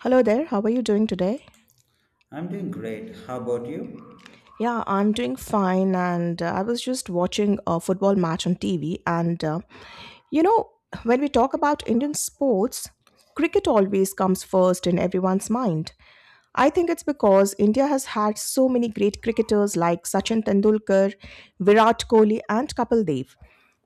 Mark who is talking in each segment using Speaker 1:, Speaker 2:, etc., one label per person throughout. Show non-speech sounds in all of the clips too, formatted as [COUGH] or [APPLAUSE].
Speaker 1: Hello there, how are you doing today?
Speaker 2: I'm doing great. How about you?
Speaker 1: Yeah, I'm doing fine, and I was just watching a football match on TV. You know, when we talk about Indian sports, cricket always comes first in everyone's mind. I think it's because India has had so many great cricketers like Sachin Tendulkar, Virat Kohli, and Kapil Dev.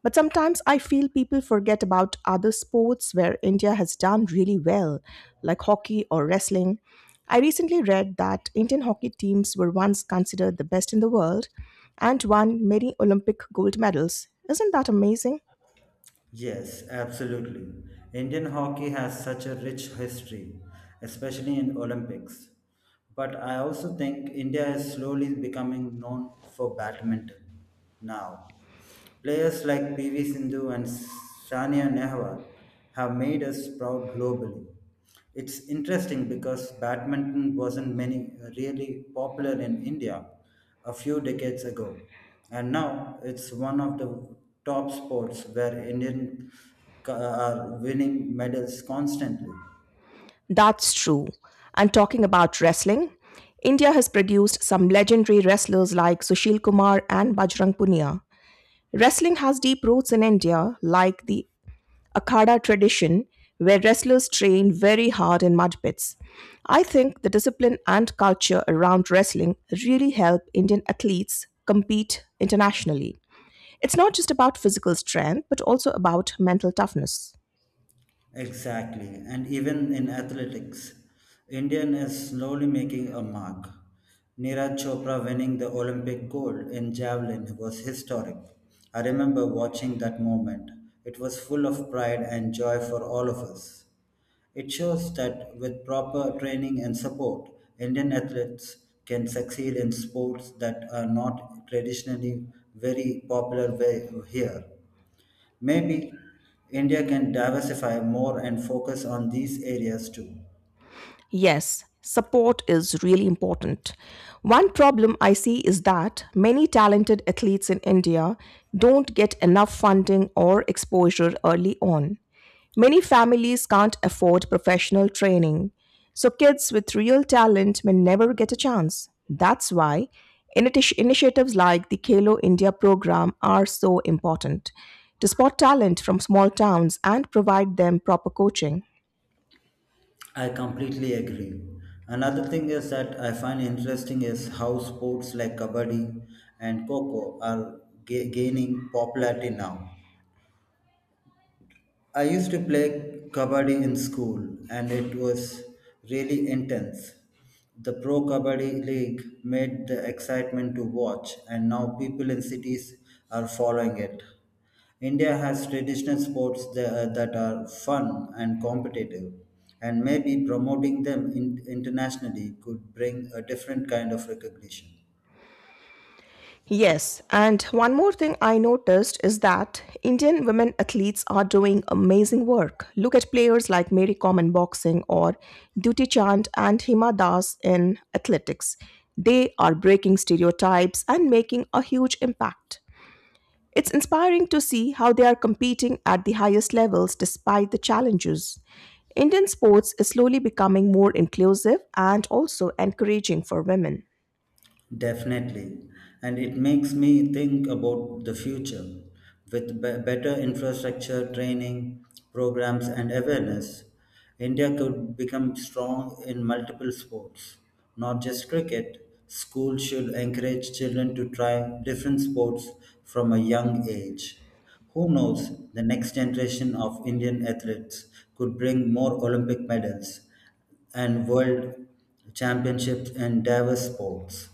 Speaker 1: But sometimes I feel people forget about other sports where India has done really well, like hockey or wrestling. I recently read that Indian hockey teams were once considered the best in the world and won many Olympic gold medals. Isn't that amazing?
Speaker 2: Yes, absolutely. Indian hockey has such a rich history, especially in Olympics. But I also think India is slowly becoming known for badminton now. Players like PV Sindhu and Sania Nehwal have made us proud globally. It's interesting because badminton wasn't many really popular in India a few decades ago, and now it's one of the top sports where ca- are winning medals constantly.
Speaker 1: That's true. And talking about wrestling, India has produced some legendary wrestlers like Sushil Kumar and Bajrang Punia. Wrestling has deep roots in India, like the Akhada tradition where wrestlers train very hard in mud pits. I think the discipline and culture around wrestling really help Indian athletes compete internationally. It's not just about physical strength, but also about mental toughness.
Speaker 2: Exactly, and even in athletics, Indian is slowly making a mark. Neeraj Chopra winning the Olympic gold in javelin was historic. I remember watching that moment. It was full of pride and joy for all of us. It shows that with proper training and support, Indian athletes can succeed in sports that are not traditionally very popular way- here. Maybe India can diversify more and focus on these areas too.
Speaker 1: Yes, support is really important. One problem I see is that many talented athletes in India don't get enough funding or exposure early on. Many families can't afford professional training, so kids with real talent may never get a chance. That's why initiatives like the Khelo India program are so important to spot talent from small towns and provide them proper coaching.
Speaker 2: I completely agree. Another thing is that I find interesting is how sports like kabaddi and coco are gaining popularity now. I used to play kabaddi in school and it was really intense. The Pro Kabaddi League made the excitement to watch and now people in cities are following it. India has traditional sports that are fun and competitive and maybe promoting them internationally could bring a different kind of recognition.
Speaker 1: Yes, and one more thing I noticed is that Indian women athletes are doing amazing work. Look at players like Mary Kom in boxing or Duty Chand and Hima Das in athletics. They are breaking stereotypes and making a huge impact. It's inspiring to see how they are competing at the highest levels despite the challenges. Indian sports is slowly becoming more inclusive and also encouraging for women.
Speaker 2: Definitely. And it makes me think about the future. With better infrastructure, training, programs, and awareness, India could become strong in multiple sports, not just cricket. Schools should encourage children to try different sports from a young age. Who knows, the next generation of Indian athletes could bring more Olympic medals and world championships in diverse sports.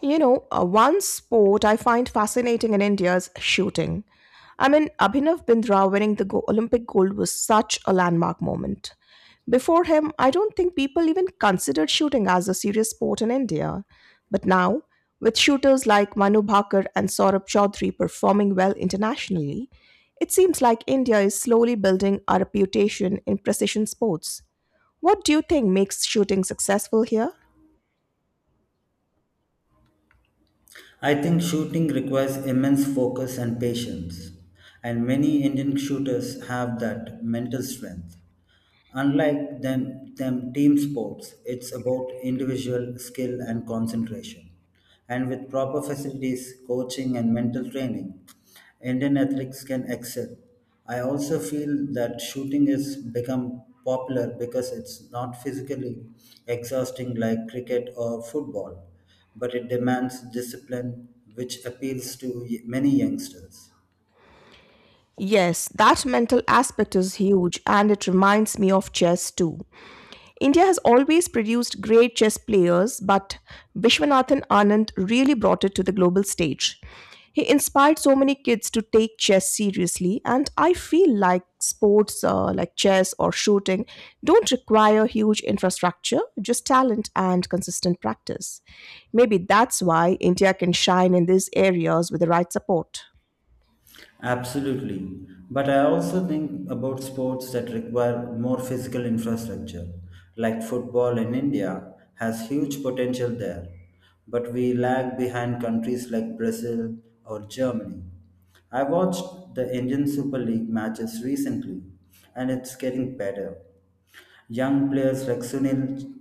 Speaker 1: One sport I find fascinating in India is shooting. I mean, Abhinav Bindra winning the Olympic gold was such a landmark moment. Before him, I don't think people even considered shooting as a serious sport in India. But now, with shooters like Manu Bhakar and Saurabh Chaudhary performing well internationally, it seems like India is slowly building a reputation in precision sports. What do you think makes shooting successful here?
Speaker 2: I think shooting requires immense focus and patience, and many Indian shooters have that mental strength. Unlike them team sports, it's about individual skill and concentration. And with proper facilities, coaching, and mental training, Indian athletes can excel. I also feel that shooting has become popular because it's not physically exhausting like cricket or football, but it demands discipline, which appeals to many youngsters.
Speaker 1: Yes, that mental aspect is huge, and it reminds me of chess too. India has always produced great chess players, but Vishwanathan Anand really brought it to the global stage. He inspired so many kids to take chess seriously, and I feel like sports like chess or shooting don't require huge infrastructure, just talent and consistent practice. Maybe that's why India can shine in these areas with the right support.
Speaker 2: Absolutely. But I also think about sports that require more physical infrastructure, like football in India has huge potential there, but we lag behind countries like Brazil or Germany. I watched the Indian Super League matches recently, and it's getting better. Young players like Sunil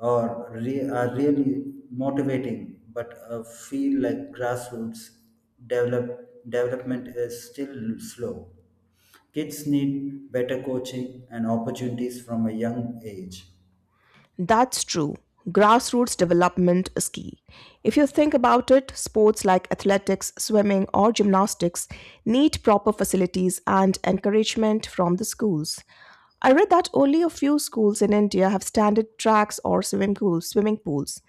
Speaker 2: or are really motivating, but feel like grassroots development is still slow. Kids need better coaching and opportunities from a young age.
Speaker 1: That's true. Grassroots development is key. If you think about it, sports like athletics, swimming, or gymnastics need proper facilities and encouragement from the schools. I read that only a few schools in India have standard tracks or swimming pools.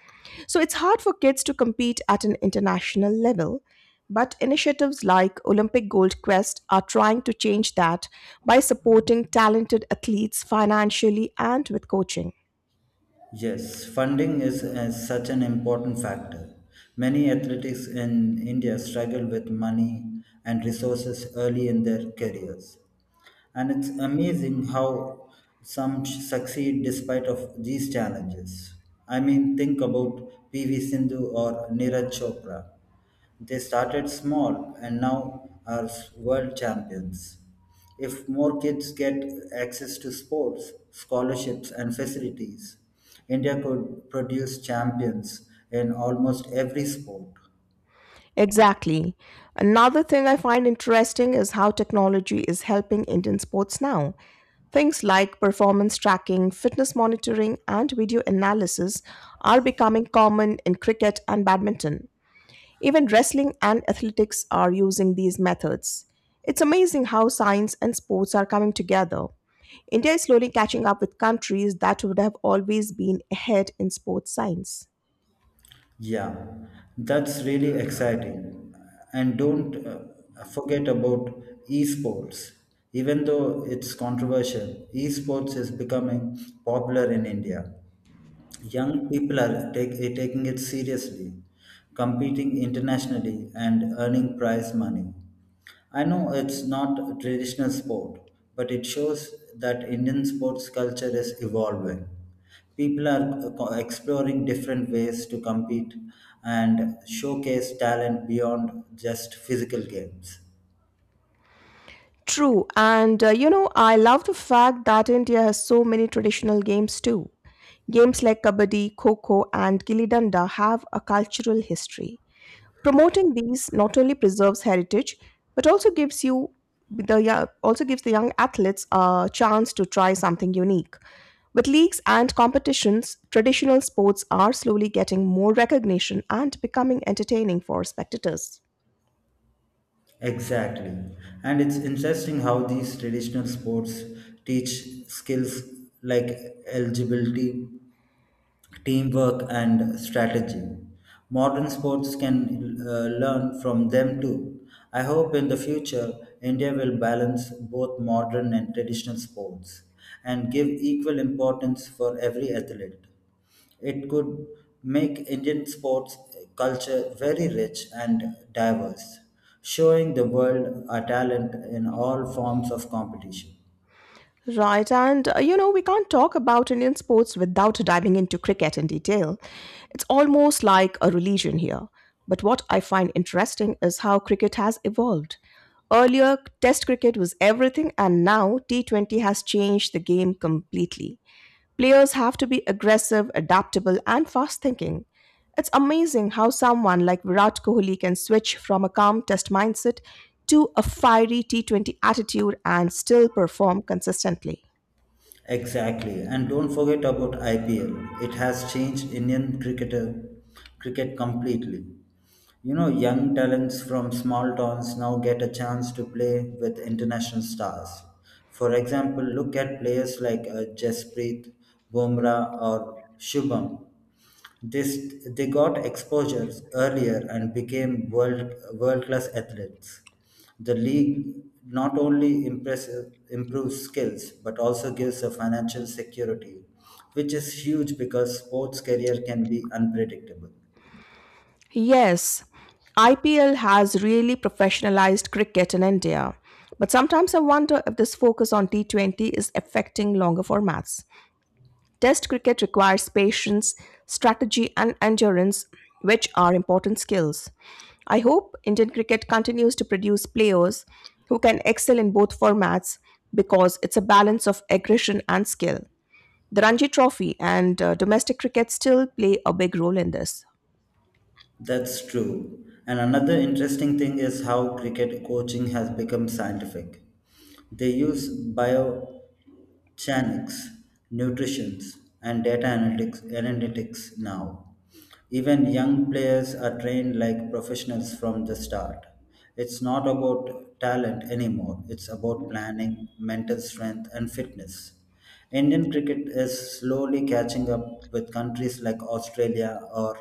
Speaker 1: So it's hard for kids to compete at an international level. But initiatives like Olympic Gold Quest are trying to change that by supporting talented athletes financially and with coaching.
Speaker 2: Yes, funding is, such an important factor. Many athletes in India struggle with money and resources early in their careers, and it's amazing how some succeed despite of these challenges. I mean, think about PV Sindhu or Neeraj Chopra. They started small and now are world champions. If more kids get access to sports, scholarships, and facilities, India could produce champions in almost every sport.
Speaker 1: Exactly. Another thing I find interesting is how technology is helping Indian sports now. Things like performance tracking, fitness monitoring, and video analysis are becoming common in cricket and badminton. Even wrestling and athletics are using these methods. It's amazing how science and sports are coming together. India is slowly catching up with countries that would have always been ahead in sports science.
Speaker 2: Yeah, that's really exciting. And don't forget about esports. Even though it's controversial, esports is becoming popular in India. Young people are taking it seriously, competing internationally, and earning prize money. I know it's not a traditional sport, but it shows that Indian sports culture is evolving. People are exploring different ways to compete and showcase talent beyond just physical games.
Speaker 1: True, I love the fact that India has so many traditional games too. Games like Kabaddi, Kho and Gilli Danda have a cultural history. Promoting these not only preserves heritage, but also gives you the yo- also gives the young athletes a chance to try something unique. With leagues and competitions, traditional sports are slowly getting more recognition and becoming entertaining for spectators.
Speaker 2: Exactly. And it's interesting how these traditional sports teach skills like eligibility, teamwork, and strategy. Modern sports can learn from them too. I hope in the future India will balance both modern and traditional sports and give equal importance for every athlete. It could make Indian sports culture very rich and diverse, showing the world our talent in all forms of competition.
Speaker 1: Right, we can't talk about Indian sports without diving into cricket in detail. It's almost like a religion here. But what I find interesting is how cricket has evolved. Earlier, Test cricket was everything, and now T20 has changed the game completely. Players have to be aggressive, adaptable, and fast thinking. It's amazing how someone like Virat Kohli can switch from a calm test mindset to a fiery T20 attitude and still perform consistently.
Speaker 2: Exactly, and don't forget about IPL. It has changed Indian cricketer cricket completely. You know, young talents from small towns now get a chance to play with international stars. For example, look at players like Jasprit Bumrah or Shubham. They got exposures earlier and became world class athletes. The league not only improves skills but also gives a financial security, which is huge because sports career can be unpredictable.
Speaker 1: Yes, IPL has really professionalized cricket in India. But sometimes I wonder if this focus on T20 is affecting longer formats. Test cricket requires patience, strategy, and endurance, which are important skills. I hope Indian cricket continues to produce players who can excel in both formats because it's a balance of aggression and skill. The Ranji Trophy and domestic cricket still play a big role in this.
Speaker 2: That's true. And another interesting thing is how cricket coaching has become scientific. They use bio Channix, nutritions, and analytics now. Even young players are trained like professionals from the start. It's not about talent anymore, it's about planning, mental strength, and fitness. Indian cricket is slowly catching up with countries like Australia or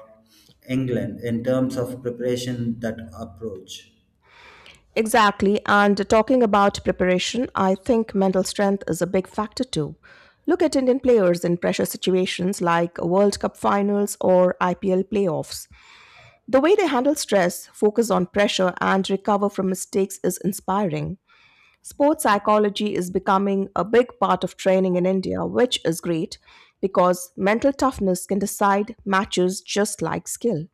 Speaker 2: England in terms of preparation that approach.
Speaker 1: Exactly. And talking about preparation, I think mental strength is a big factor too. Look at Indian players in pressure situations like World Cup finals or IPL playoffs. The way they handle stress, focus on pressure, and recover from mistakes is inspiring. Sports psychology is becoming a big part of training in India, which is great because mental toughness can decide matches just like skill.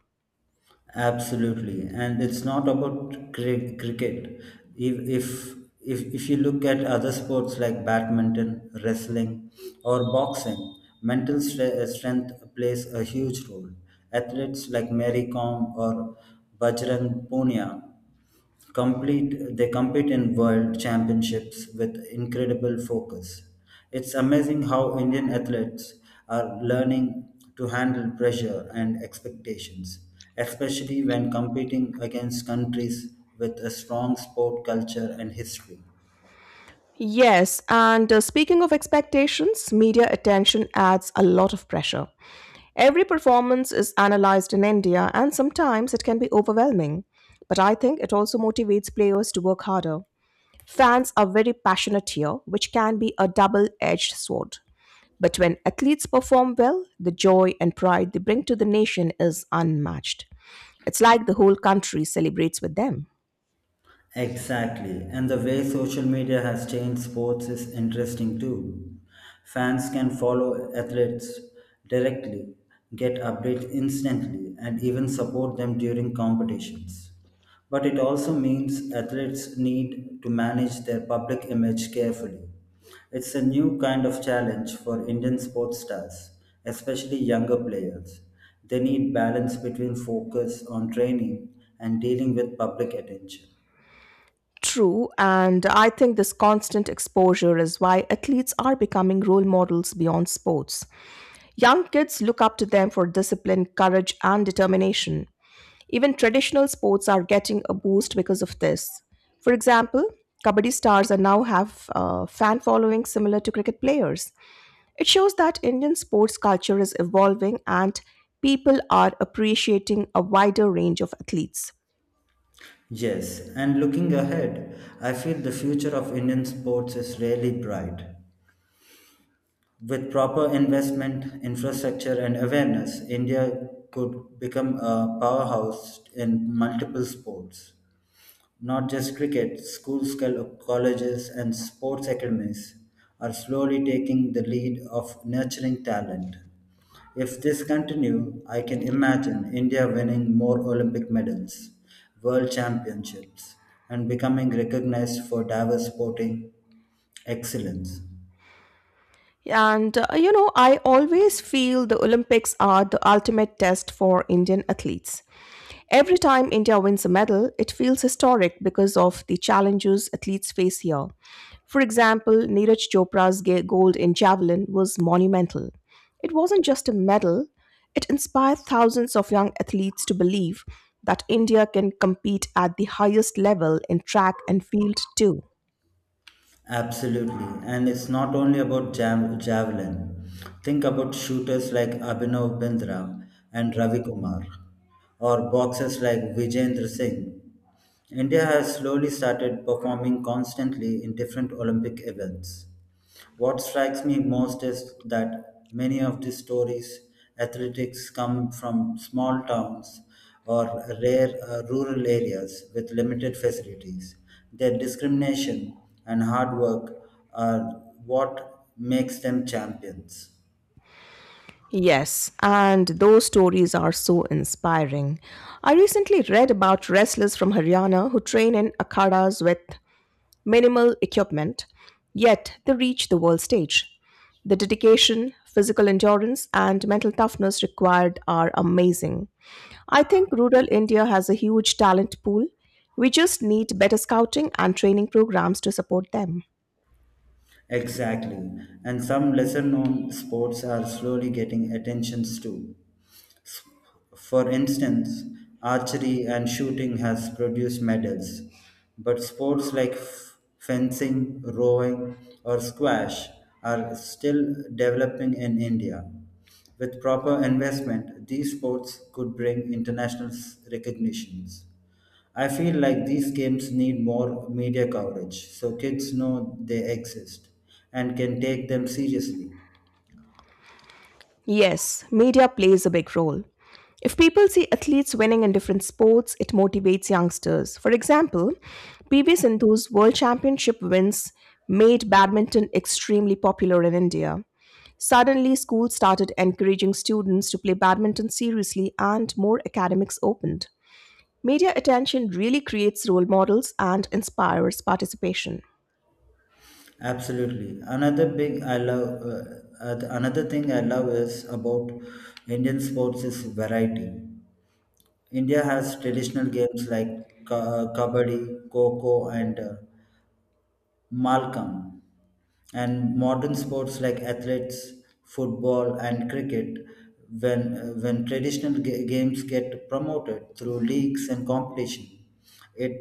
Speaker 2: Absolutely, and it's not about cricket. If, if if you look at other sports like badminton, wrestling, or boxing, strength plays a huge role. Athletes like Mary Kom or Bajrang Punia they compete in world championships with incredible focus. It's amazing how Indian athletes are learning to handle pressure and expectations, especially when competing against countries with a strong sport culture and history.
Speaker 1: Yes, and speaking of expectations, media attention adds a lot of pressure. Every performance is analyzed in India, and sometimes it can be overwhelming. But I think it also motivates players to work harder. Fans are very passionate here, which can be a double edged sword. But when athletes perform well, the joy and pride they bring to the nation is unmatched. It's like the whole country celebrates with them.
Speaker 2: Exactly. And the way social media has changed sports is interesting too. Fans can follow athletes directly, get updates instantly, and even support them during competitions. But it also means athletes need to manage their public image carefully. It's a new kind of challenge for Indian sports stars, especially younger players. They need balance between focus on training and dealing with public attention.
Speaker 1: True, and I think this constant exposure is why athletes are becoming role models beyond sports. Young kids look up to them for discipline, courage, and determination. Even traditional sports are getting a boost because of this. For example, Kabaddi stars are now have fan following similar to cricket players. It shows that Indian sports culture is evolving and people are appreciating a wider range of athletes.
Speaker 2: Yes, and looking ahead, I feel the future of Indian sports is really bright. With proper investment, infrastructure, and awareness, India could become a powerhouse in multiple sports. Not just cricket, schools, colleges, and sports academies are slowly taking the lead of nurturing talent. If this continue, I can imagine India winning more Olympic medals, world championships, and becoming recognized for diverse sporting excellence.
Speaker 1: And I always feel the Olympics are the ultimate test for Indian athletes. Every time India wins a medal, it feels historic because of the challenges athletes face here. For example, Neeraj Chopra's gold in javelin was monumental. It wasn't just a medal, it inspired thousands of young athletes to believe that India can compete at the highest level in track and field too.
Speaker 2: Absolutely. And it's not only about javelin. Think about shooters like Abhinav Bindra and Ravi Kumar, or boxers like Vijayendra Singh. India has slowly started performing constantly in different Olympic events. What strikes me most is that many of these stories, athletics come from small towns or rare rural areas with limited facilities. Their discrimination and hard work are what makes them champions.
Speaker 1: Yes, and those stories are so inspiring. I recently read about wrestlers from Haryana who train in akhadas with minimal equipment, yet they reach the world stage. The dedication, physical endurance, and mental toughness required are amazing. I think rural India has a huge talent pool. We just need better scouting and training programs to support them.
Speaker 2: Exactly. And some lesser known sports are slowly getting attentions too. S- For instance, archery and shooting has produced medals, but sports like fencing, rowing, or squash are still developing in India. With proper investment, these sports could bring recognitions. I feel like these games need more media coverage so kids know they exist and can take them seriously.
Speaker 1: Yes, media plays a big role. If people see athletes winning in different sports, it motivates youngsters. For example, PV Sindhu's World Championship wins made badminton extremely popular in India. Suddenly, schools started encouraging students to play badminton seriously and more academics opened. Media attention really creates role models and inspires participation.
Speaker 2: Absolutely. Another thing I love is about Indian sports is variety. India has traditional games like kabaddi, kho and malkam, and modern sports like athletes, football, and cricket. When traditional games get promoted through leagues and competition, it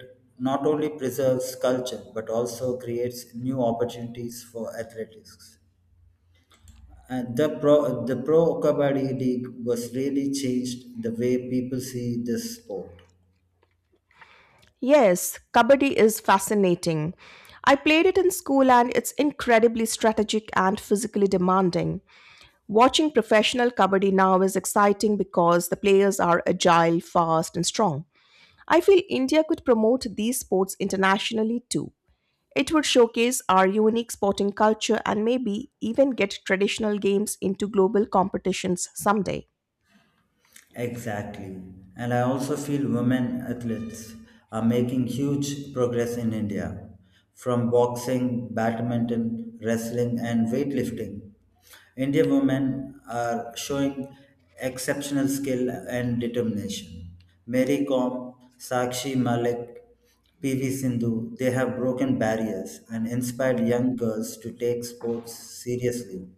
Speaker 2: not only preserves culture but also creates new opportunities for athletics, and the pro kabaddi league was really changed the way people see this sport.
Speaker 1: Yes, Kabaddi is fascinating. I played it in school and it's incredibly strategic and physically demanding. Watching professional Kabaddi now is exciting because the players are agile, fast, and strong. I feel India could promote these sports internationally too. It would showcase our unique sporting culture and maybe even get traditional games into global competitions someday.
Speaker 2: Exactly. And I also feel women athletes are making huge progress in India from boxing, badminton, wrestling, and weightlifting. Indian women are showing exceptional skill and determination. Mary Kom, Sakshi Malik, PV Sindhu, they have broken barriers and inspired young girls to take sports seriously.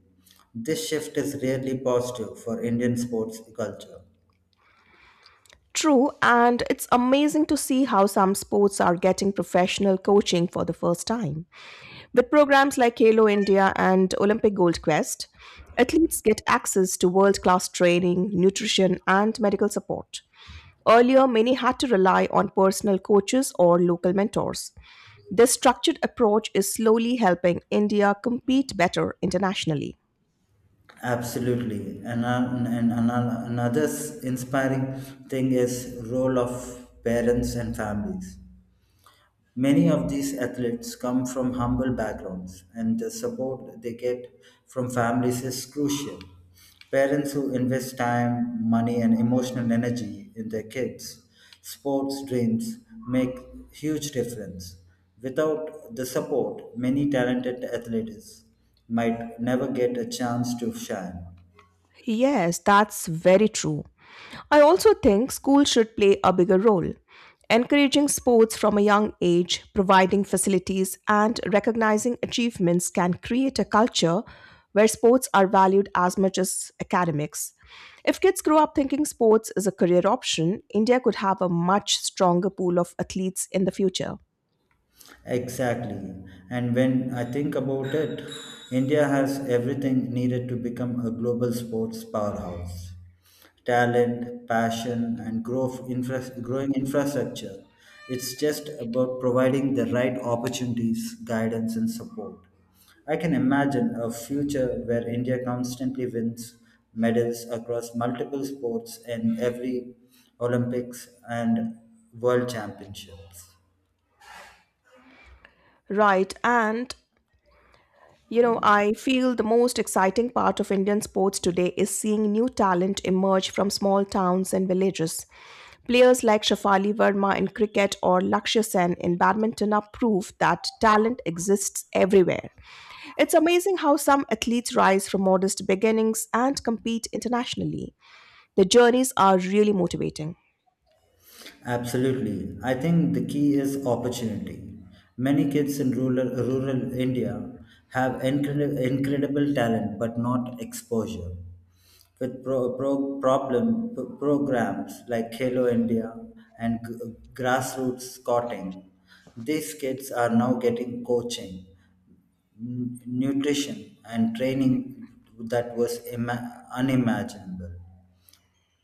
Speaker 2: This shift is really positive for Indian sports culture.
Speaker 1: True, and it's amazing to see how some sports are getting professional coaching for the first time. With programs like Halo India and Olympic Gold Quest, athletes get access to world class training, nutrition, and medical support. Earlier, many had to rely on personal coaches or local mentors. This structured approach is slowly helping India compete better internationally.
Speaker 2: Absolutely. And another inspiring thing is role of parents and families. Many of these athletes come from humble backgrounds and the support they get from families is crucial. Parents who invest time, money, and emotional energy in their kids' sports dreams make huge difference. Without the support, many talented athletes might never get a chance to shine.
Speaker 1: Yes, that's very true. I also think schools should play a bigger role. Encouraging sports from a young age, providing facilities, and recognizing achievements can create a culture where sports are valued as much as academics. If kids grow up thinking sports is a career option, India could have a much stronger pool of athletes in the future.
Speaker 2: Exactly. And when I think about it, India has everything needed to become a global sports powerhouse. Talent, passion, and growing infrastructure. It's just about providing the right opportunities, guidance, and support. I can imagine a future where India constantly wins medals across multiple sports in every Olympics and World Championships.
Speaker 1: Right, and you know, I feel the most exciting part of Indian sports today is seeing new talent emerge from small towns and villages. Players like Shafali Verma in cricket or Lakshya Sen in badminton are proof that talent exists everywhere. It's amazing how some athletes rise from modest beginnings and compete internationally. The journeys are really motivating.
Speaker 2: Absolutely. I think the key is opportunity. Many kids in rural India have incredible talent but not exposure. With programs like Hello India and grassroots scouting, these kids are now getting coaching, nutrition, and training that was unimaginable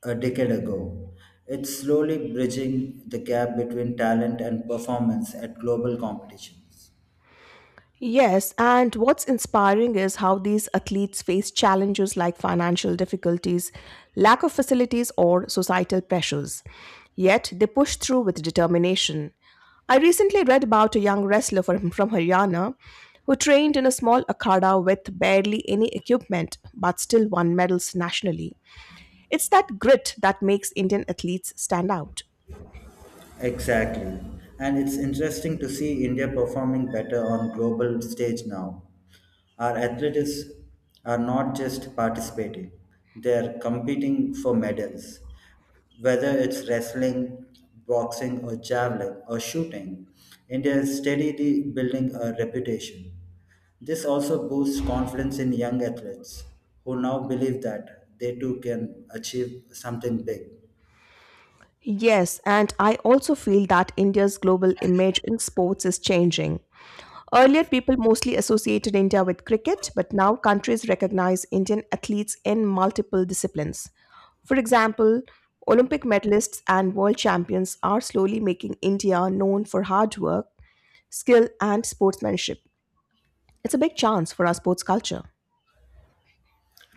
Speaker 2: a decade ago. It's slowly bridging the gap between talent and performance at global competitions.
Speaker 1: Yes, and what's inspiring is how these athletes face challenges like financial difficulties, lack of facilities, or societal pressures. Yet they push through with determination. I recently read about a young wrestler [LAUGHS] from Haryana who trained in a small akhada with barely any equipment but still won medals nationally. It's that grit that makes Indian athletes stand out.
Speaker 2: Exactly. And it's interesting to see India performing better on global stage now. Our athletes are not just participating, they're competing for medals. Whether it's wrestling, boxing or javelin or shooting, India is steadily building a reputation. This also boosts confidence in young athletes who now believe that they too can achieve something big.
Speaker 1: Yes, and I also feel that India's global image in sports is changing. Earlier, people mostly associated India with cricket, but now countries recognize Indian athletes in multiple disciplines. For example, Olympic medalists and world champions are slowly making India known for hard work, skill, and sportsmanship. It's a big chance for our sports culture.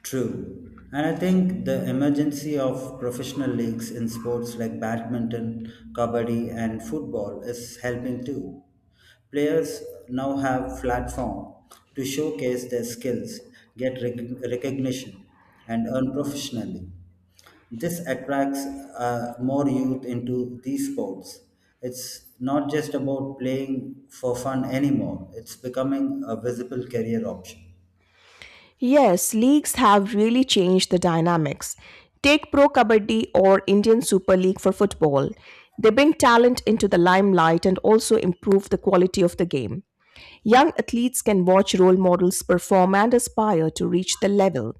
Speaker 2: True. And I think the emergency of professional leagues in sports like badminton, kabaddi, and football is helping too. Players now have platform to showcase their skills, get recognition, and earn professionally. This attracts more youth into these sports. It's not just about playing for fun anymore, it's becoming a visible career option.
Speaker 1: Yes, leagues have really changed the dynamics. Take Pro Kabaddi or Indian Super League for football. They bring talent into the limelight and also improve the quality of the game. Young athletes can watch role models perform and aspire to reach the level.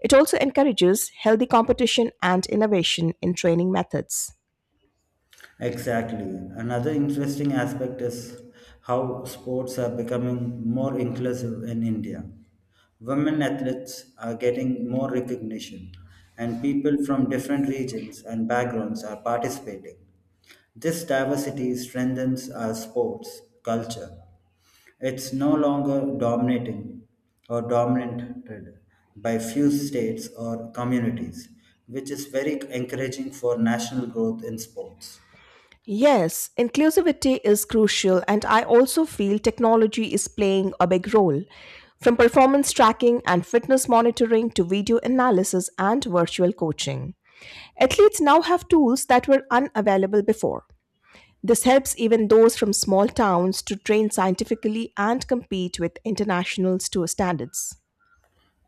Speaker 1: It also encourages healthy competition and innovation in training methods.
Speaker 2: Exactly. Another interesting aspect is how sports are becoming more inclusive in India. Women athletes are getting more recognition, and people from different regions and backgrounds are participating. This diversity strengthens our sports culture. It's no longer dominating or dominated by few states or communities, which is very encouraging for national growth in sports.
Speaker 1: Yes, inclusivity is crucial, and I also feel technology is playing a big role. From performance tracking and fitness monitoring to video analysis and virtual coaching, athletes now have tools that were unavailable before. This helps even those from small towns to train scientifically and compete with international standards.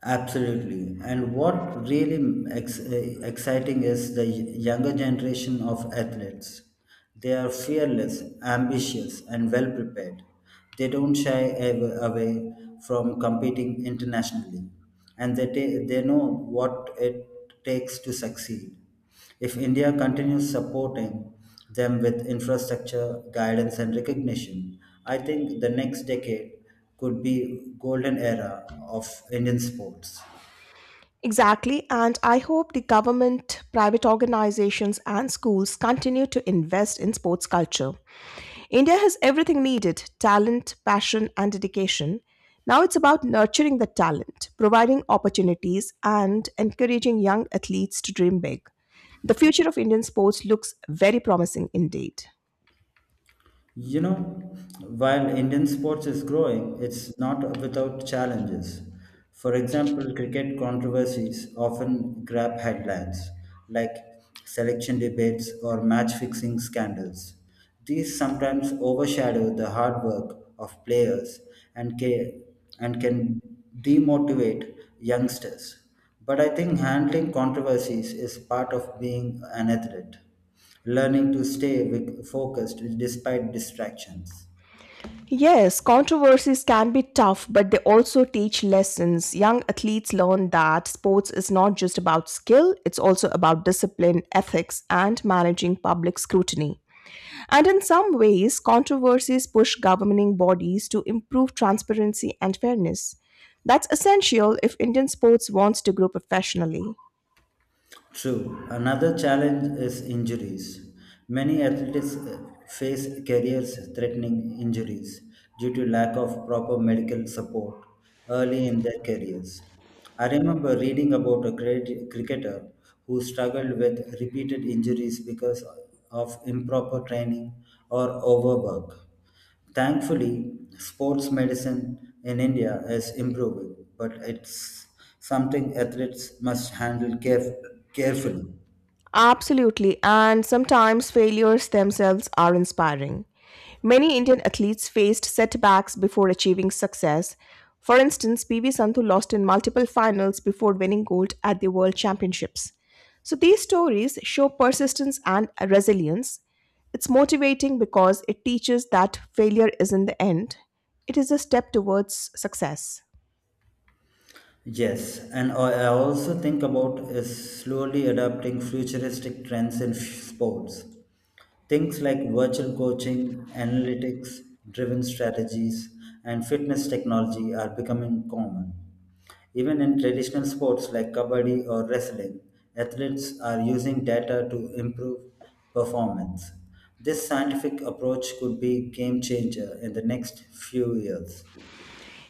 Speaker 2: Absolutely. And what really exciting is the younger generation of athletes. They are fearless, ambitious, and well prepared. They don't shy away from competing internationally, and they know what it takes to succeed. If India continues supporting them with infrastructure, guidance, and recognition, I think the next decade could be golden era of Indian sports.
Speaker 1: Exactly, and I hope the government, private organizations, and schools continue to invest in sports culture. India has everything needed: talent, passion, and dedication. Now it's about nurturing the talent, providing opportunities, and encouraging young athletes to dream big. The future of Indian sports looks very promising indeed.
Speaker 2: You know, while Indian sports is growing, it's not without challenges. For example, cricket controversies often grab headlines, like selection debates or match fixing scandals. These sometimes overshadow the hard work of players and ca- and can demotivate youngsters. But I think handling controversies is part of being an athlete learning to stay focused despite distractions.
Speaker 1: Yes, controversies can be tough, but they also teach lessons. Young athletes learn that sports is not just about skill, it's also about discipline, ethics, and managing public scrutiny. And in some ways, controversies push governing bodies to improve transparency and fairness. That's essential if Indian sports wants to grow professionally.
Speaker 2: True, another challenge is injuries. Many athletes face careers threatening injuries due to lack of proper medical support early in their careers. I remember reading about a cricketer who struggled with repeated injuries because of improper training or overwork. Thankfully, sports medicine in India is improving, but it's something athletes must handle carefully.
Speaker 1: Absolutely, and sometimes failures themselves are inspiring. Many Indian athletes faced setbacks before achieving success. For instance, PV Sandhu lost in multiple finals before winning gold at the World Championships. So these stories show persistence and resilience. It's motivating because it teaches that failure isn't the end, it is a step towards success.
Speaker 2: Yes, and I also think about is slowly adapting futuristic trends in sports. Things like virtual coaching, analytics driven strategies, and fitness technology are becoming common. Even in traditional sports like kabaddi or wrestling, athletes are using data to improve performance. This scientific approach could be game changer in the next few years.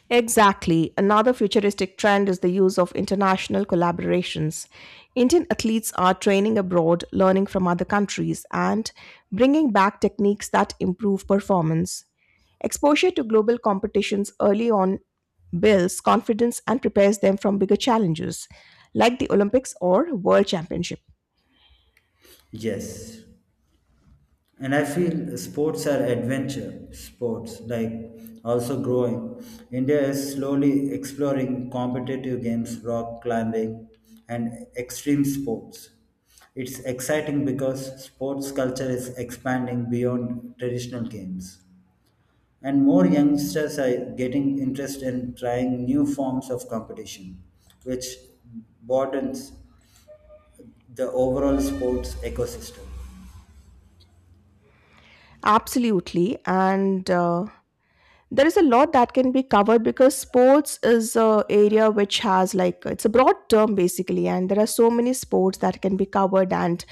Speaker 1: Exactly. Another futuristic trend is the use of international collaborations. Indian athletes are training abroad, learning from other countries, and bringing back techniques that improve performance. Exposure to global competitions early on builds confidence and prepares them from bigger challenges, like the Olympics or World Championship.
Speaker 2: Yes, and I feel sports are adventure sports, like also growing. India is slowly exploring competitive games, rock climbing, and extreme sports. It's exciting because sports culture is expanding beyond traditional games. And more youngsters are getting interest in trying new forms of competition, which broadens the overall sports ecosystem.
Speaker 1: Absolutely. And There is a lot that can be covered because sports is a area which has, like, it's a broad term basically, and there are so many sports that can be covered, and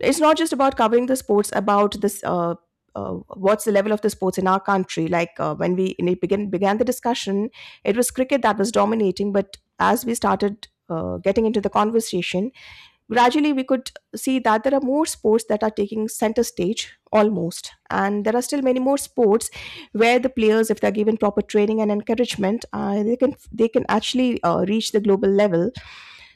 Speaker 1: it's not just about covering the sports about this, what's the level of the sports in our country, like, when we began the discussion, it was cricket that was dominating, but as we started getting into the conversation gradually, we could see that there are more sports that are taking center stage almost, and there are still many more sports where the players, if they're given proper training and encouragement, they can actually reach the global level.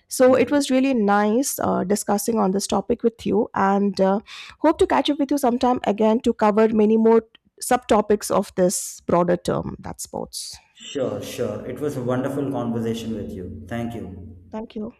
Speaker 1: So it
Speaker 2: Yes.
Speaker 1: was really nice discussing on this topic with you, and hope to catch up with you sometime again to cover many more subtopics of this broader term that's sports.
Speaker 2: Sure, sure. It was a wonderful conversation with you. Thank you.
Speaker 1: Thank you.